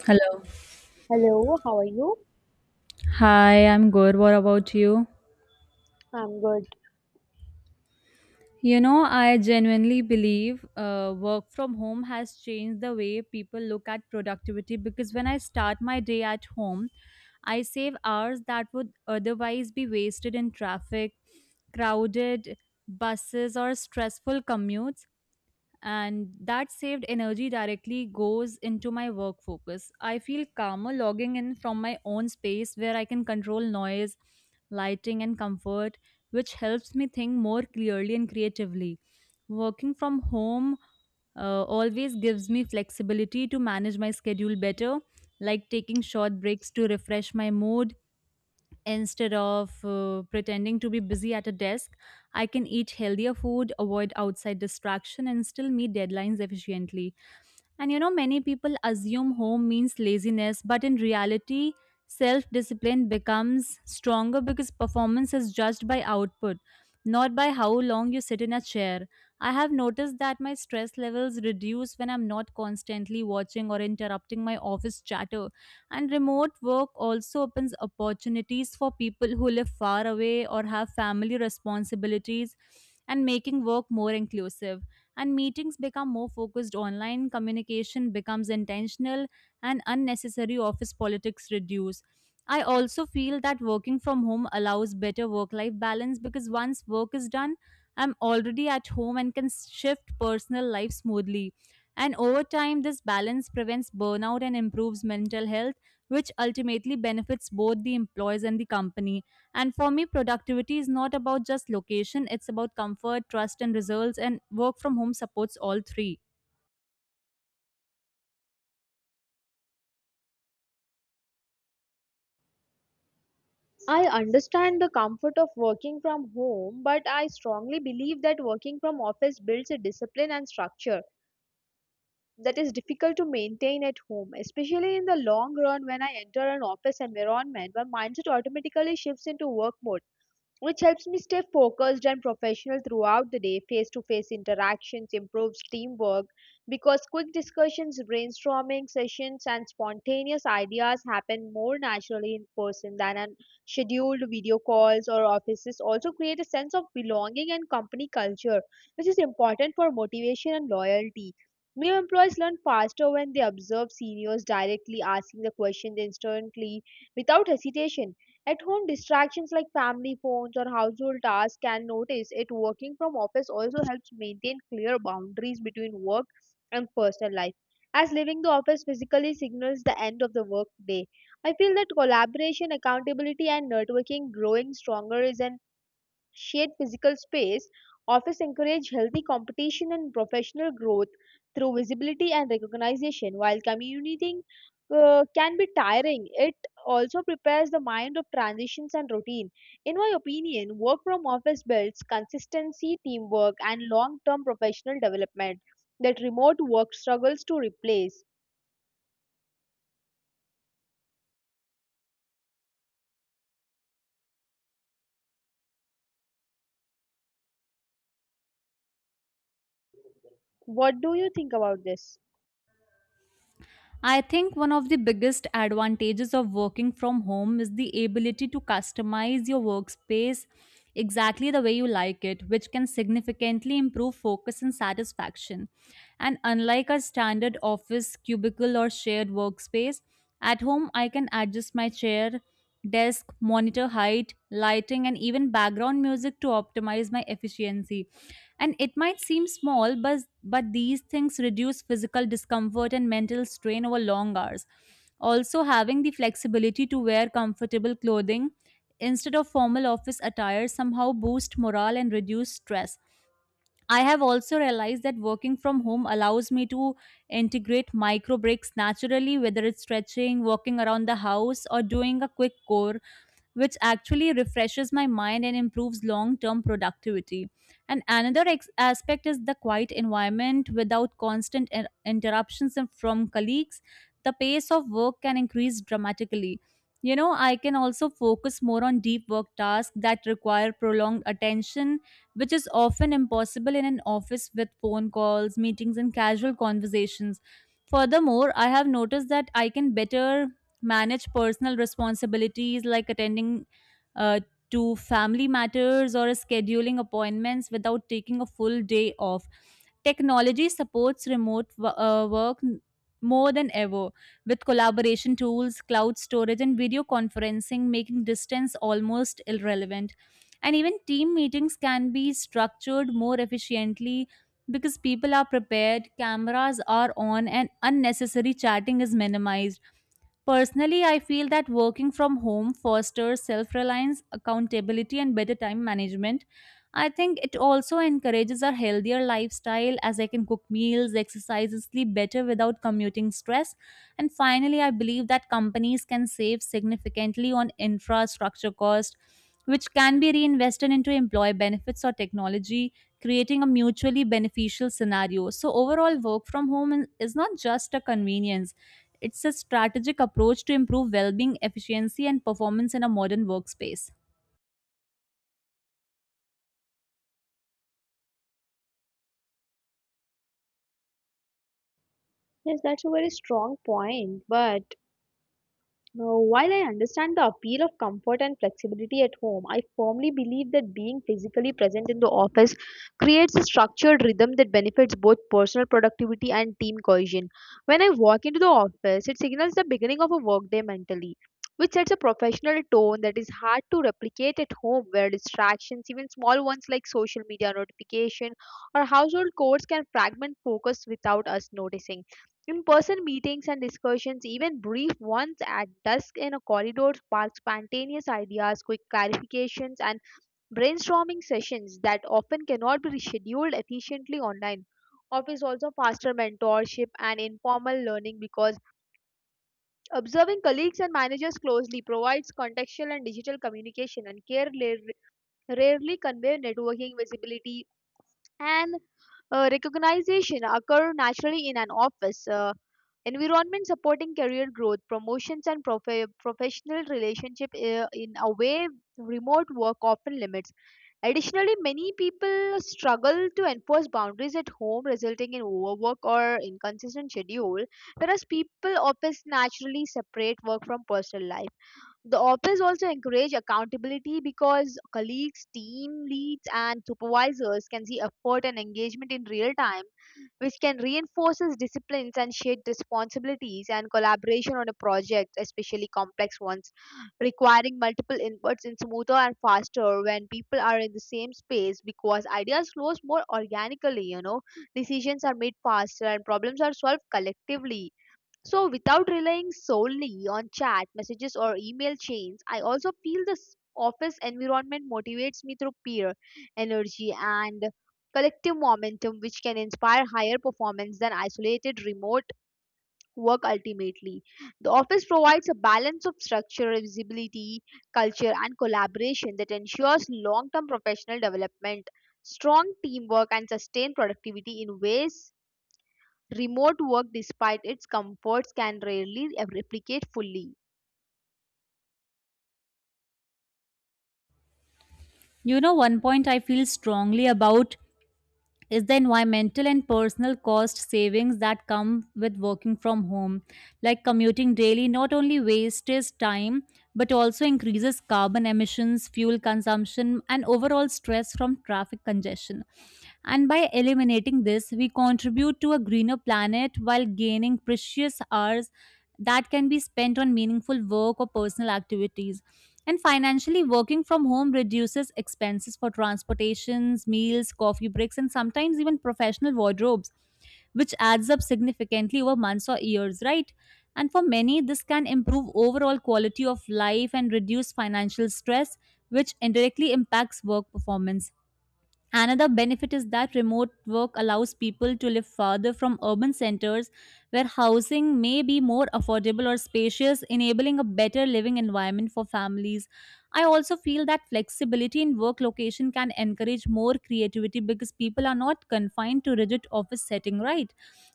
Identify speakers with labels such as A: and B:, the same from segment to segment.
A: Hello.
B: Hello, how are you?
A: Hi, I'm good. What about you?
B: I'm good.
A: You know, I genuinely believe work from home has changed the way people look at productivity because when I start my day at home, I save hours that would otherwise be wasted in traffic, crowded buses, or stressful commutes. And that saved energy directly goes into my work focus. I feel calmer logging in from my own space where I can control noise, lighting, and comfort, which helps me think more clearly and creatively. Working from home always gives me flexibility to manage my schedule better, like taking short breaks to refresh my mood. Instead of pretending to be busy at a desk, I can eat healthier food, avoid outside distraction, and still meet deadlines efficiently. And you know, many people assume home means laziness, but in reality, self discipline becomes stronger because performance is judged by output, not by how long you sit in a chair. I have noticed that my stress levels reduce when I'm not constantly watching or interrupting my office chatter. And remote work also opens opportunities for people who live far away or have family responsibilities and making work more inclusive, and meetings become more focused online, communication becomes intentional, and unnecessary office politics reduce. I also feel that working from home allows better work life balance because once work is done, I'm already at home and can shift personal life smoothly. And over time, this balance prevents burnout and improves mental health, which ultimately benefits both the employees and the company. And for me, productivity is not about just location, it's about comfort, trust, and results, and work from home supports all three.
B: I understand the comfort of working from home, but I strongly believe that working from office builds a discipline and structure that is difficult to maintain at home, especially in the long run when I enter an office environment where mindset automatically shifts into work mode, which helps me stay focused and professional throughout the day. Face to face interactions improves teamwork because quick discussions, brainstorming sessions, and spontaneous ideas happen more naturally in person than on scheduled video calls or offices. Also, create a sense of belonging and company culture, which is important for motivation and loyalty. New employees learn faster when they observe seniors directly asking the questions instantly without hesitation at home, distractions like family phones or household tasks can notice it. Working from office also helps maintain clear boundaries between work and personal life, as leaving the office physically signals the end of the work day. I feel that collaboration, accountability, and networking growing stronger is an shared physical space, office encourage healthy competition and professional growth through visibility and recognition. While commuting can be tiring, it also prepares the mind of transitions and routine. In my opinion, work from office builds consistency, teamwork, and long term professional development that remote work struggles to replace. What do you think about this?
A: I think one of the biggest advantages of working from home is the ability to customize your workspace exactly the way you like it, which can significantly improve focus and satisfaction. And unlike a standard office, cubicle, or shared workspace, at home I can adjust my chair, desk, monitor height, lighting, and even background music to optimize my efficiency, and it might seem small, but these things reduce physical discomfort and mental strain over long hours. Also, having the flexibility to wear comfortable clothing instead of formal office attire somehow boosts morale and reduce stress. I have also realized that working from home allows me to integrate micro breaks naturally, whether it's stretching, walking around the house, or doing a quick core, which actually refreshes my mind and improves long term productivity. And another aspect is the quiet environment without constant interruptions from colleagues. The pace of work can increase dramatically. You know, I can also focus more on deep work tasks that require prolonged attention, which is often impossible in an office with phone calls, meetings, and casual conversations. Furthermore, I have noticed that I can better manage personal responsibilities like attending uh, to family matters or scheduling appointments without taking a full day off. Technology supports remote wo- work n- more than ever with collaboration tools, cloud storage, and video conferencing, making distance almost irrelevant. And even team meetings can be structured more efficiently because people are prepared, cameras are on, and unnecessary chatting is minimized. Personally, I feel that working from home fosters self reliance, accountability, and better time management. I think it also encourages a healthier lifestyle as I can cook meals, exercise, and sleep better without commuting stress. And finally, I believe that companies can save significantly on infrastructure cost, which can be reinvested into employee benefits or technology, creating a mutually beneficial scenario. So, overall, work from home is not just a convenience, it's a strategic approach to improve well being, efficiency, and performance in a modern workspace.
B: Yes, that's a very strong point, but now, while I understand the appeal of comfort and flexibility at home, I firmly believe that being physically present in the office creates a structured rhythm that benefits both personal productivity and team cohesion. When I walk into the office, it signals the beginning of a workday mentally, which sets a professional tone that is hard to replicate at home, where distractions, even small ones like social media notification or household chores, can fragment focus without us noticing. In-person meetings and discussions, even brief ones at dusk in a corridor, spark spontaneous ideas, quick clarifications, and brainstorming sessions that often cannot be scheduled efficiently online. Office also faster mentorship and informal learning because observing colleagues and managers closely provides contextual and digital communication and care rarely convey networking visibility and recognition occur naturally in an office environment supporting career growth promotions and professional relationship in a way remote work often limits. Additionally, many people struggle to enforce boundaries at home, resulting in overwork or inconsistent schedule, whereas people office naturally separate work from personal life. The office also encourage accountability because colleagues, team leads, and supervisors can see effort and engagement in real time, which can reinforce disciplines and shared responsibilities. And collaboration on a project, especially complex ones, requiring multiple inputs in smoother and faster when people are in the same space, because ideas flows more organically, you know, decisions are made faster and problems are solved collectively. So, without relying solely on chat messages or email chains, I also feel this office environment motivates me through peer energy and collective momentum, which can inspire higher performance than isolated remote work. Ultimately, the office provides a balance of structure, visibility, culture, and collaboration that ensures long term professional development, strong teamwork, and sustained productivity in ways remote work, despite its comforts, can rarely replicate fully.
A: You know, one point I feel strongly about is the environmental and personal cost savings that come with working from home. Like commuting daily not only wastes time but also increases carbon emissions, fuel consumption, and overall stress from traffic congestion. And by eliminating this, we contribute to a greener planet while gaining precious hours that can be spent on meaningful work or personal activities. And financially, working from home reduces expenses for transportations, meals, coffee breaks, and sometimes even professional wardrobes, which adds up significantly over months or years, right? And for many, this can improve overall quality of life and reduce financial stress, which indirectly impacts work performance. Another benefit is that remote work allows people to live farther from urban centers where housing may be more affordable or spacious, enabling a better living environment for families. I also feel that flexibility in work location can encourage more creativity because people are not confined to rigid office setting, right?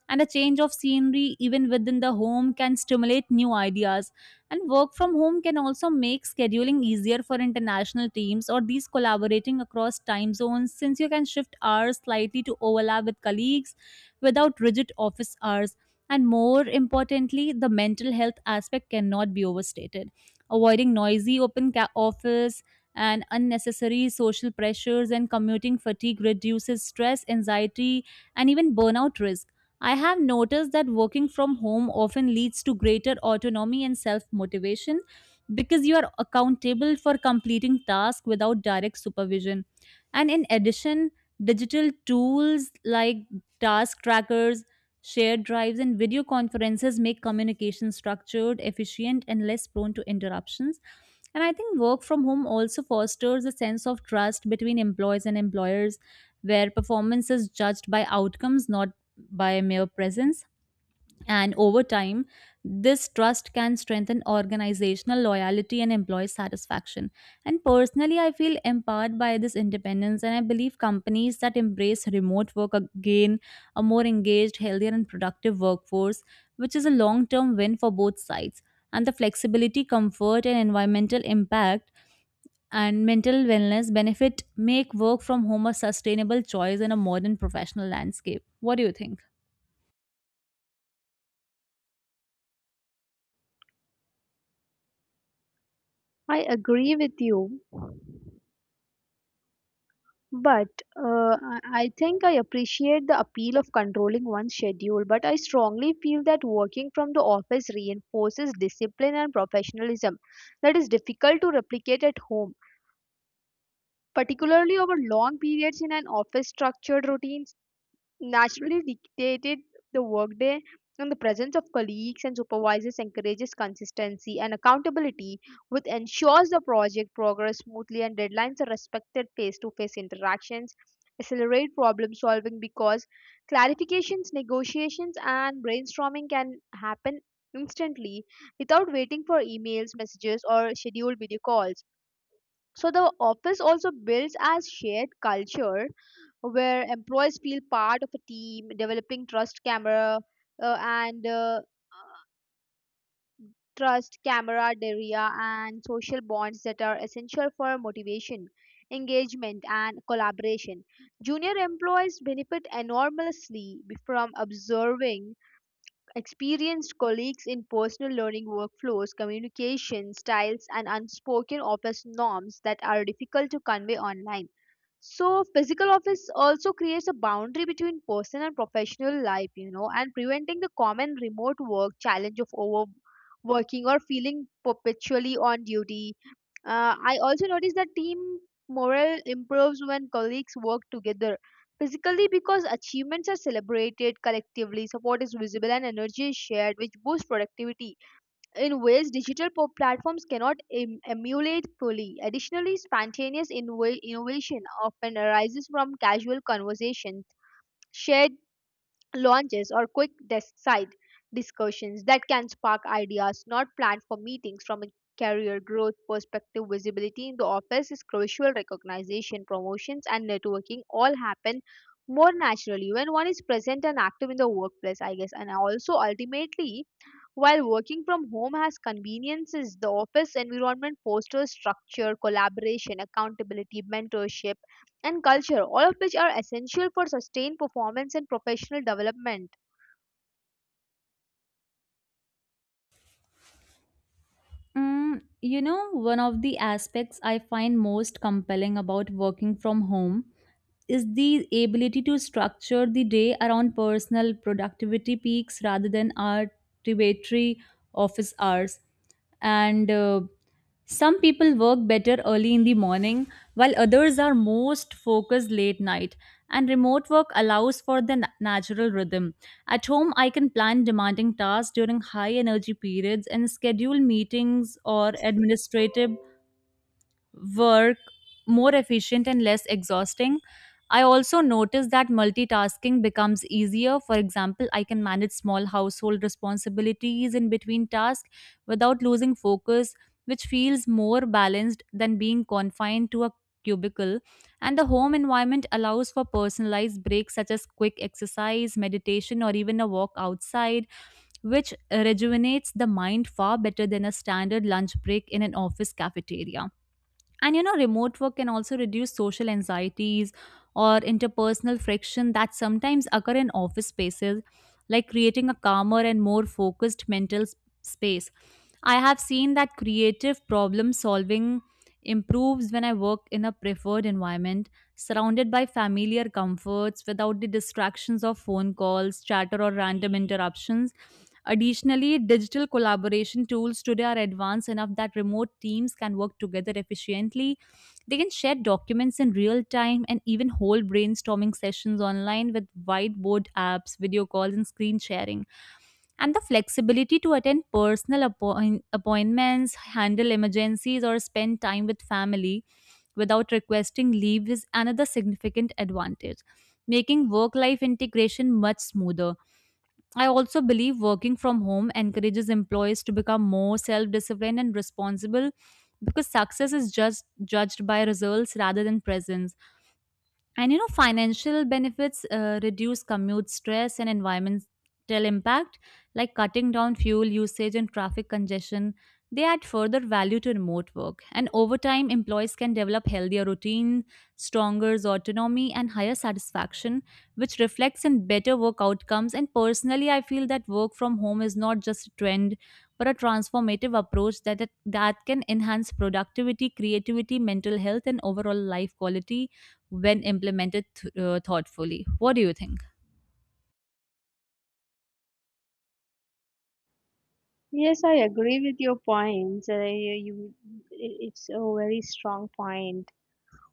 A: And a change of scenery even within the home can stimulate new ideas, and work from home can also make scheduling easier for international teams or these collaborating across time zones since you can shift hours slightly to overlap with colleagues without rigid office hours. And more importantly, the mental health aspect cannot be overstated. Avoiding noisy open office and unnecessary social pressures and commuting fatigue reduces stress, anxiety, and even burnout risk. I have noticed that working from home often leads to greater autonomy and self motivation because you are accountable for completing tasks without direct supervision. And in addition, digital tools like task trackers, shared drives, and video conferences make communication structured, efficient, and less prone to interruptions. And I think work from home also fosters a sense of trust between employees and employers, where performance is judged by outcomes, not by mere presence. And over time, this trust can strengthen organizational loyalty and employee satisfaction. And personally, I feel empowered by this independence, and I believe companies that embrace remote work gain a more engaged, healthier, and productive workforce, which is a long term win for both sides. And the flexibility, comfort, and environmental impact and mental wellness benefit make work from home a sustainable choice in a modern professional landscape. What do you think?
B: I agree with you, but I think I appreciate the appeal of controlling one's schedule, but I strongly feel that working from the office reinforces discipline and professionalism that is difficult to replicate at home, particularly over long periods in an office structured routine, naturally dictated the workday. And the presence of colleagues and supervisors encourages consistency and accountability, which ensures the project progress smoothly and deadlines are respected. Face-to-face interactions accelerate problem solving because clarifications, negotiations, and brainstorming can happen instantly without waiting for emails, messages, or scheduled video calls. So the office also builds as shared culture where employees feel part of a team, developing uh, and uh, trust, camaraderie, and social bonds that are essential for motivation, engagement, and collaboration. Junior employees benefit enormously from observing experienced colleagues in personal learning workflows, communication styles, and unspoken office norms that are difficult to convey online. So, physical office also creates a boundary between personal and professional life, you know, and preventing the common remote work challenge of overworking or feeling perpetually on duty. I also noticed that team morale improves when colleagues work together physically, because achievements are celebrated collectively, support is visible and energy is shared, which boosts productivity in ways digital platforms cannot emulate fully. Additionally, spontaneous innovation often arises from casual conversations, shared launches or quick side discussions that can spark ideas not planned for meetings. From a career growth perspective, visibility in the office is crucial. Recognition, promotions, and networking all happen more naturally when one is present and active in the workplace, I guess. And also, ultimately, while working from home has conveniences, the office environment fosters structure, collaboration, accountability, mentorship, and culture, all of which are essential for sustained performance and professional development.
A: Mm, you know, one of the aspects I find most compelling about working from home is the ability to structure the day around personal productivity peaks rather than arbitrary office hours. And some people work better early in the morning, while others are most focused late night. And remote work allows for the natural rhythm. At home, I can plan demanding tasks during high energy periods and schedule meetings or administrative work more efficient and less exhausting. I also noticed that multitasking becomes easier. For example, I can manage small household responsibilities in between tasks without losing focus, which feels more balanced than being confined to a cubicle. And the home environment allows for personalized breaks such as quick exercise, meditation, or even a walk outside, which rejuvenates the mind far better than a standard lunch break in an office cafeteria. And you know, remote work can also reduce social anxieties or interpersonal friction that sometimes occur in office spaces, like creating a calmer and more focused space. I have seen that creative problem solving improves when I work in a preferred environment, surrounded by familiar comforts without the distractions of phone calls, chatter, or random interruptions. Additionally, digital collaboration tools today are advanced enough that remote teams can work together efficiently. They can share documents in real time and even hold brainstorming sessions online with whiteboard apps, video calls, and screen sharing. And the flexibility to attend appointments, handle emergencies, or spend time with family without requesting leave is another significant advantage, making work life integration much smoother. I also believe working from home encourages employees to become more self disciplined and responsible because success is just judged by results rather than presence. And you know, financial benefits reduce commute stress and environmental impact, like cutting down fuel usage and traffic congestion. They add further value to remote work. And over time, employees can develop healthier routine, stronger autonomy, and higher satisfaction, which reflects in better work outcomes. And personally, I feel that work from home is not just a trend, but a transformative approach that can enhance productivity, creativity, mental health, and overall life quality when implemented thoughtfully. What do you think?
B: Yes, I agree with your points. You- it's a very strong point.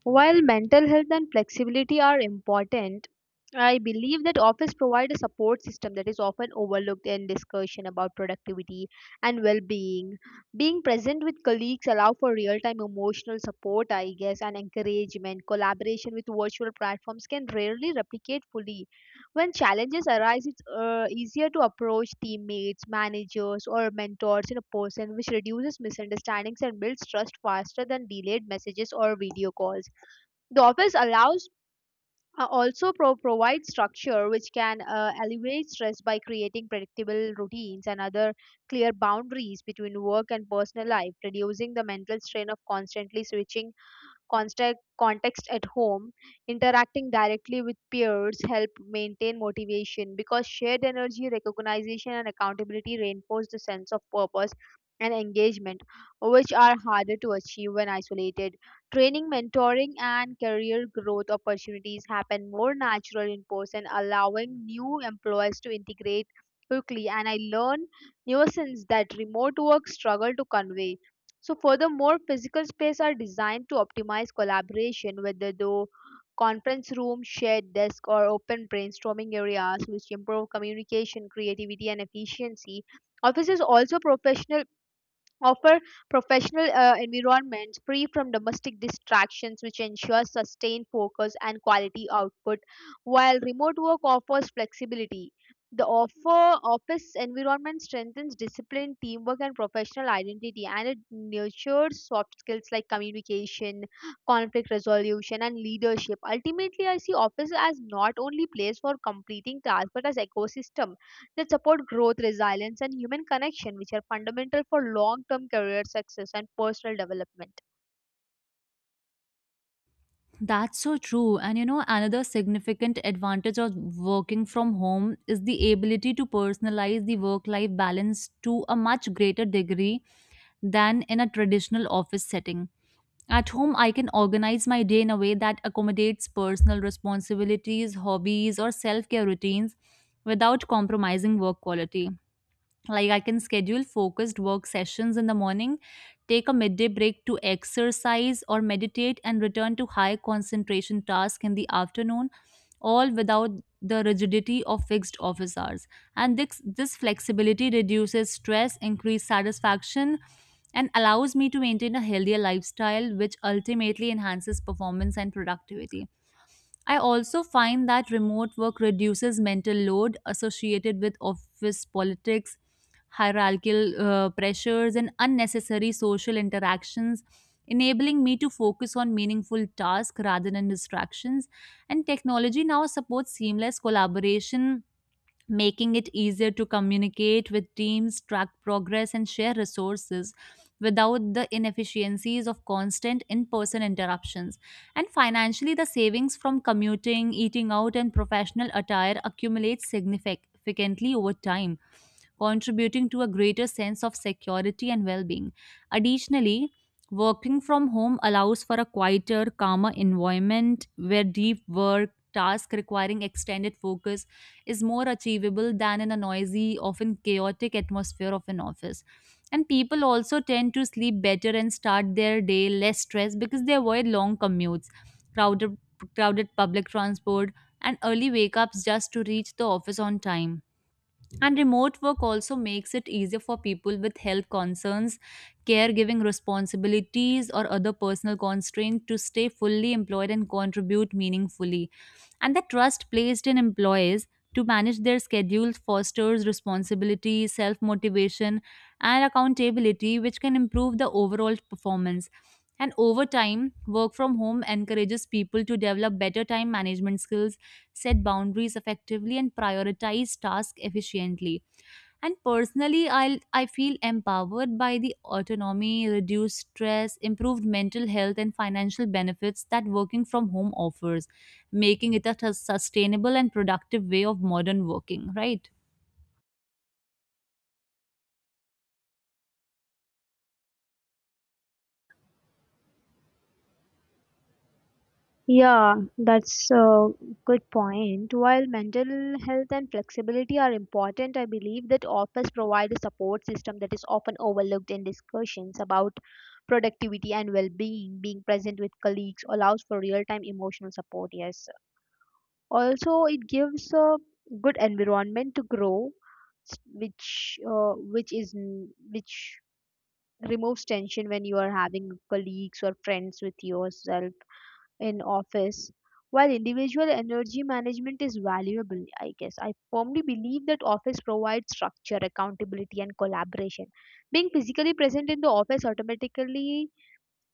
B: While mental health and flexibility are important, I believe that office provide a support system that is often overlooked in discussion about productivity and well-being. Being present with colleagues allow for real-time emotional support, I guess, and encouragement. Collaboration with virtual platforms can rarely replicate fully. When challenges arise, it's easier to approach teammates, managers, or mentors in a person, which reduces misunderstandings and builds trust faster than delayed messages or video calls. The office allows provides structure which can alleviate stress by creating predictable routines and other clear boundaries between work and personal life, reducing the mental strain of constantly switching context at home. Interacting directly with peers help maintain motivation because shared energy, recognition, and accountability reinforce the sense of purpose and engagement, which are harder to achieve when isolated. Training, mentoring, and career growth opportunities happen more natural in person, allowing new employees to integrate quickly. And I learn nuances that remote work struggle to convey. So furthermore, physical space are designed to optimize collaboration, whether through conference room, shared desk, or open brainstorming areas, which improve communication, creativity, and efficiency. Offices also professional offer professional environments free from domestic distractions, which ensures sustained focus and quality output. While remote work offers flexibility, the offer office environment strengthens discipline, teamwork, and professional identity, and it nurtures soft skills like communication, conflict resolution, and leadership. Ultimately, I see office as not only place for completing tasks but as ecosystem. They support growth, resilience, and human connection, which are fundamental for long term career success and personal development.
A: That's so true. And you know, another significant advantage of working from home is the ability to personalize the work life balance to a much greater degree than in a traditional office setting. At home, I can organize my day in a way that accommodates personal responsibilities, hobbies, or self care routines without compromising work quality. Like, I can schedule focused work sessions in the morning, take a midday break to exercise or meditate, and return to high concentration tasks in the afternoon, all without the rigidity of fixed office hours. And this flexibility reduces stress, increases satisfaction, and allows me to maintain a healthier lifestyle, which ultimately enhances performance and productivity. I also find that remote work reduces mental load associated with office politics, hierarchical pressures, and unnecessary social interactions, enabling me to focus on meaningful tasks rather than distractions. And technology now supports seamless collaboration, making it easier to communicate with teams, track progress, and share resources without the inefficiencies of constant in person interruptions. And financially, the savings from commuting, eating out, and professional attire accumulate significantly over time, contributing to a greater sense of security and well being. Additionally, working from home allows for a quieter, calmer environment where deep work, task requiring extended focus, is more achievable than in a noisy, often chaotic atmosphere of an office. And people also tend to sleep better and start their day less stressed because they avoid long commutes, crowded, crowded public transport, and early wake ups just to reach the office on time. And remote work also makes it easier for people with health concerns, caregiving responsibilities, or other personal constraints to stay fully employed and contribute meaningfully. And the trust placed in employees to manage their schedules fosters responsibility, self motivation, and accountability, which can improve the overall performance. And over time, work from home encourages people to develop better time management skills, set boundaries effectively, and prioritize tasks efficiently. And personally, I feel empowered by the autonomy, reduced stress, improved mental health, and financial benefits that working from home offers, making it a sustainable and productive way of modern working, right?
B: Yeah, that's a good point. While mental health and flexibility are important, I believe that offers provide a support system that is often overlooked in discussions about productivity and well being. Being present with colleagues allows for real time emotional support, yes. Also, it gives a good environment to grow which removes tension when you are having colleagues or friends with yourself in office. While individual energy management is valuable, I guess I firmly believe that office provides structure, accountability, and collaboration. Being physically present in the office automatically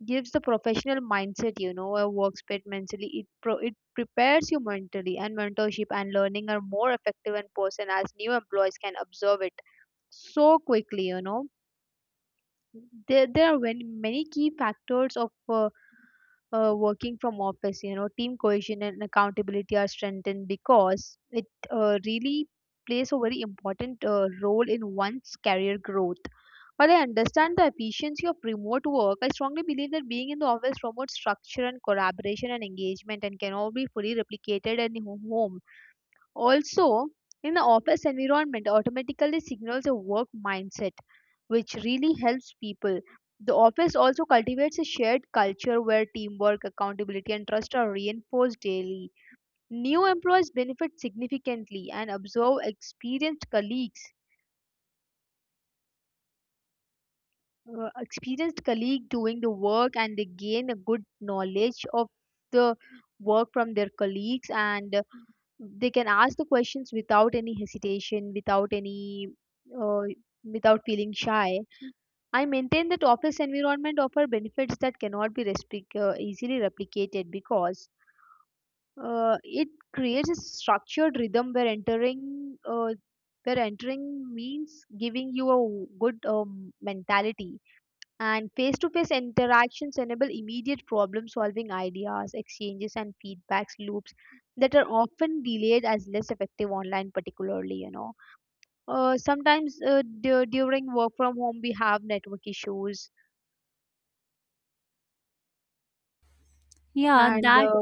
B: gives the professional mindset, you know, a workspace mentally. It prepares you mentally. And mentorship and learning are more effective in person, as new employees can observe it so quickly, you know. There are many key factors of uh, working from office, you know. Team cohesion and accountability are strengthened because it really plays a very important role in one's career growth. While I understand the efficiency of remote work, I strongly believe that being in the office promotes structure and collaboration and engagement, and cannot be fully replicated at home. Also, in the office environment, automatically signals a work mindset, which really helps people. The office also cultivates a shared culture where teamwork, accountability, and trust are reinforced daily. New employees benefit significantly and observe experienced colleagues Experienced colleague doing the work and they gain a good knowledge of the work from their colleagues and they can ask the questions without any hesitation, without any uh, without feeling shy. I maintain that office environment offer benefits that cannot be easily replicated, because it creates a structured rhythm, where entering means giving you a good mentality. And face to face interactions enable immediate problem solving, ideas, exchanges, and feedbacks loops that are often delayed as less effective online, particularly. You know, sometimes during work from home, we have network issues
A: Yeah,
B: and
A: that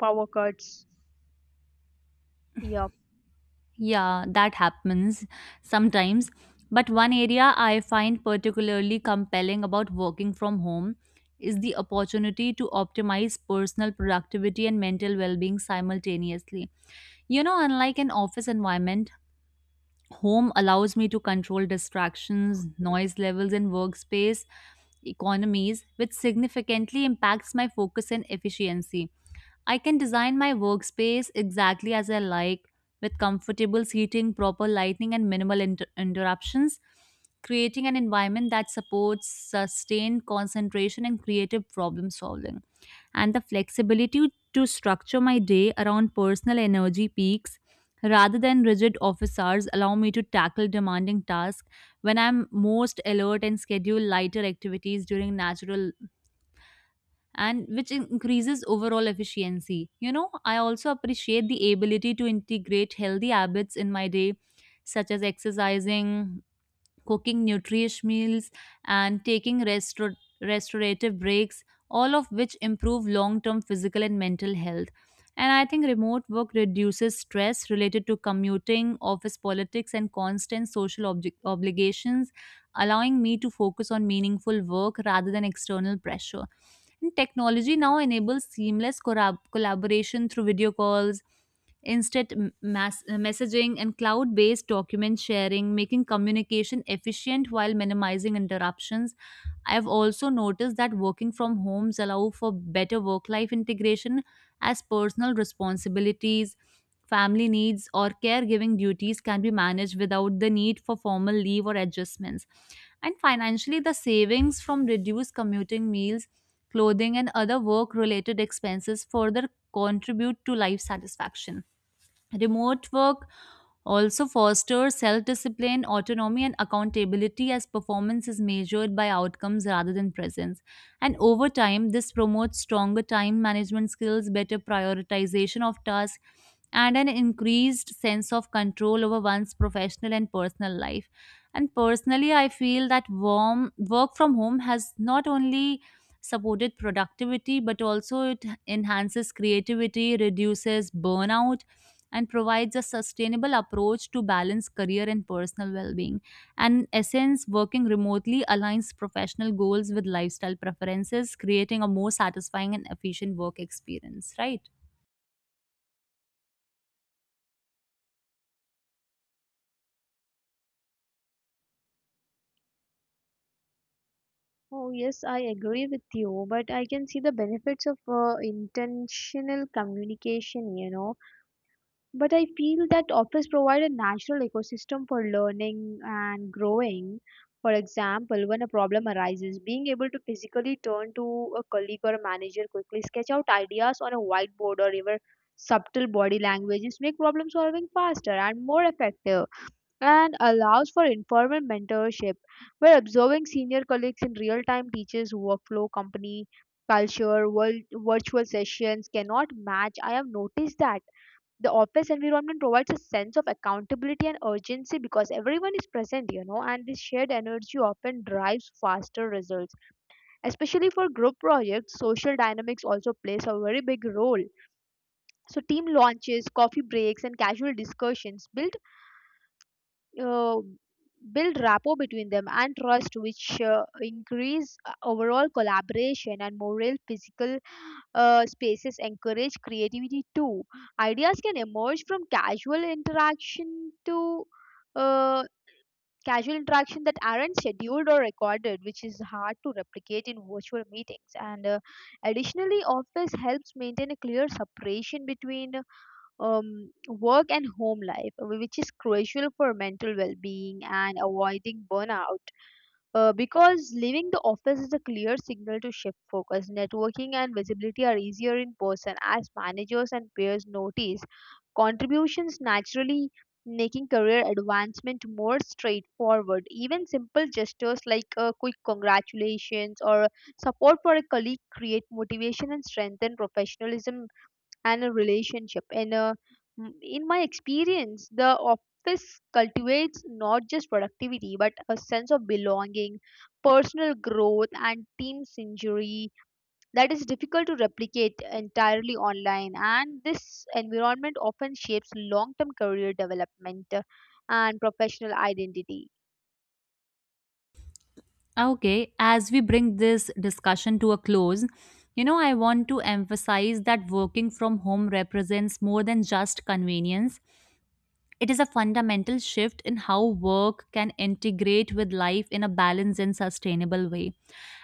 B: power cuts. Yep.
A: yeah, that happens sometimes. But one area I find particularly compelling about working from home is the opportunity to optimize personal productivity and mental well-being simultaneously. You know, unlike an office environment, home allows me to control distractions, noise levels, and workspace economies, which significantly impacts my focus and efficiency. I can design my workspace exactly as I like, with comfortable seating, proper lighting, and minimal interruptions, creating an environment that supports sustained concentration and creative problem solving. And the flexibility to structure my day around personal energy peaks rather than rigid office hours allow me to tackle demanding tasks when I'm most alert and schedule lighter activities during natural, and which increases overall efficiency. You know, I also appreciate the ability to integrate healthy habits in my day, such as exercising, cooking nutritious meals, and taking restorative breaks, all of which improve long term physical and mental health. And I think remote work reduces stress related to commuting, office politics, and constant social obligations, allowing me to focus on meaningful work rather than external pressure. And technology now enables seamless collaboration through video calls, instant messaging, and cloud based document sharing, making communication efficient while minimizing interruptions. I've also noticed that working from homes allow for better work life integration, as personal responsibilities, family needs, or caregiving duties can be managed without the need for formal leave or adjustments. And financially, the savings from reduced commuting, meals, clothing, and other work related expenses further contribute to life satisfaction. Remote work also fosters self discipline, autonomy, and accountability, as performance is measured by outcomes rather than presence. And over time, this promotes stronger time management skills, better prioritization of tasks, and an increased sense of control over one's professional and personal life. And personally, I feel that warm work from home has not only supported productivity but also it enhances creativity, reduces burnout, and provides a sustainable approach to balance career and personal well-being. And in essence, working remotely aligns professional goals with lifestyle preferences, creating a more satisfying and efficient work experience, right?
B: Oh, yes, I agree with you, but I can see the benefits of intentional communication, you know. But I feel that office provide a natural ecosystem for learning and growing. For example, when a problem arises, being able to physically turn to a colleague or a manager quickly, sketch out ideas on a whiteboard or even subtle body languages make problem solving faster and more effective, and allows for informal mentorship where observing senior colleagues in real time teaches workflow, company culture world, virtual sessions cannot match. I have noticed that the office environment provides a sense of accountability and urgency because everyone is present, you know, and this shared energy often drives faster results, especially for group projects. Social dynamics also plays a very big role. So team launches, coffee breaks, and casual discussions uh, build rapport between them and trust, which increase overall collaboration and moral. Physical spaces encourage creativity too. Ideas can emerge from uh, casual interaction that aren't scheduled or recorded, which is hard to replicate in virtual meetings. And additionally, office helps maintain a clear separation between work and home life, which is crucial for mental well being and avoiding burnout, because leaving the office is a clear signal to shift focus. Networking and visibility are easier in person as managers and peers notice contributions naturally, making career advancement more straightforward. Even simple gestures like a quick congratulations or support for a colleague create motivation and strengthen professionalism and a relationship. And in my experience, the office cultivates not just productivity but a sense of belonging, personal growth, and team synergy that is difficult to replicate entirely online. And this environment often shapes long term career development and professional identity.
A: Okay, as we bring this discussion to a close, you know, I want to emphasize that working from home represents more than just convenience. It is a fundamental shift in how work can integrate with life in a balanced and sustainable way.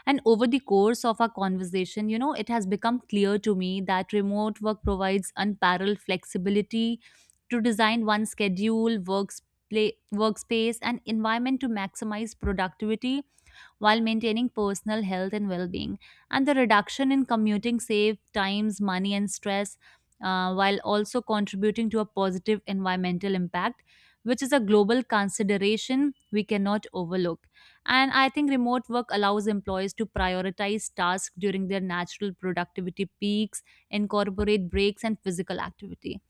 A: And over the course of our conversation, you know, it has become clear to me that remote work provides unparalleled flexibility to design one's schedule, works, play, workspace, and environment to maximize productivity while maintaining personal health and well being. And the reduction in commuting saves times, money, and stress, while also contributing to a positive environmental impact, which is a global consideration we cannot overlook. And I think remote work allows employees to prioritize tasks during their natural productivity peaks, incorporate breaks, and physical activity.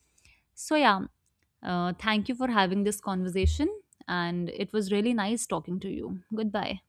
A: So, yeah, thank you for having this conversation. And it was really nice talking to you. Goodbye.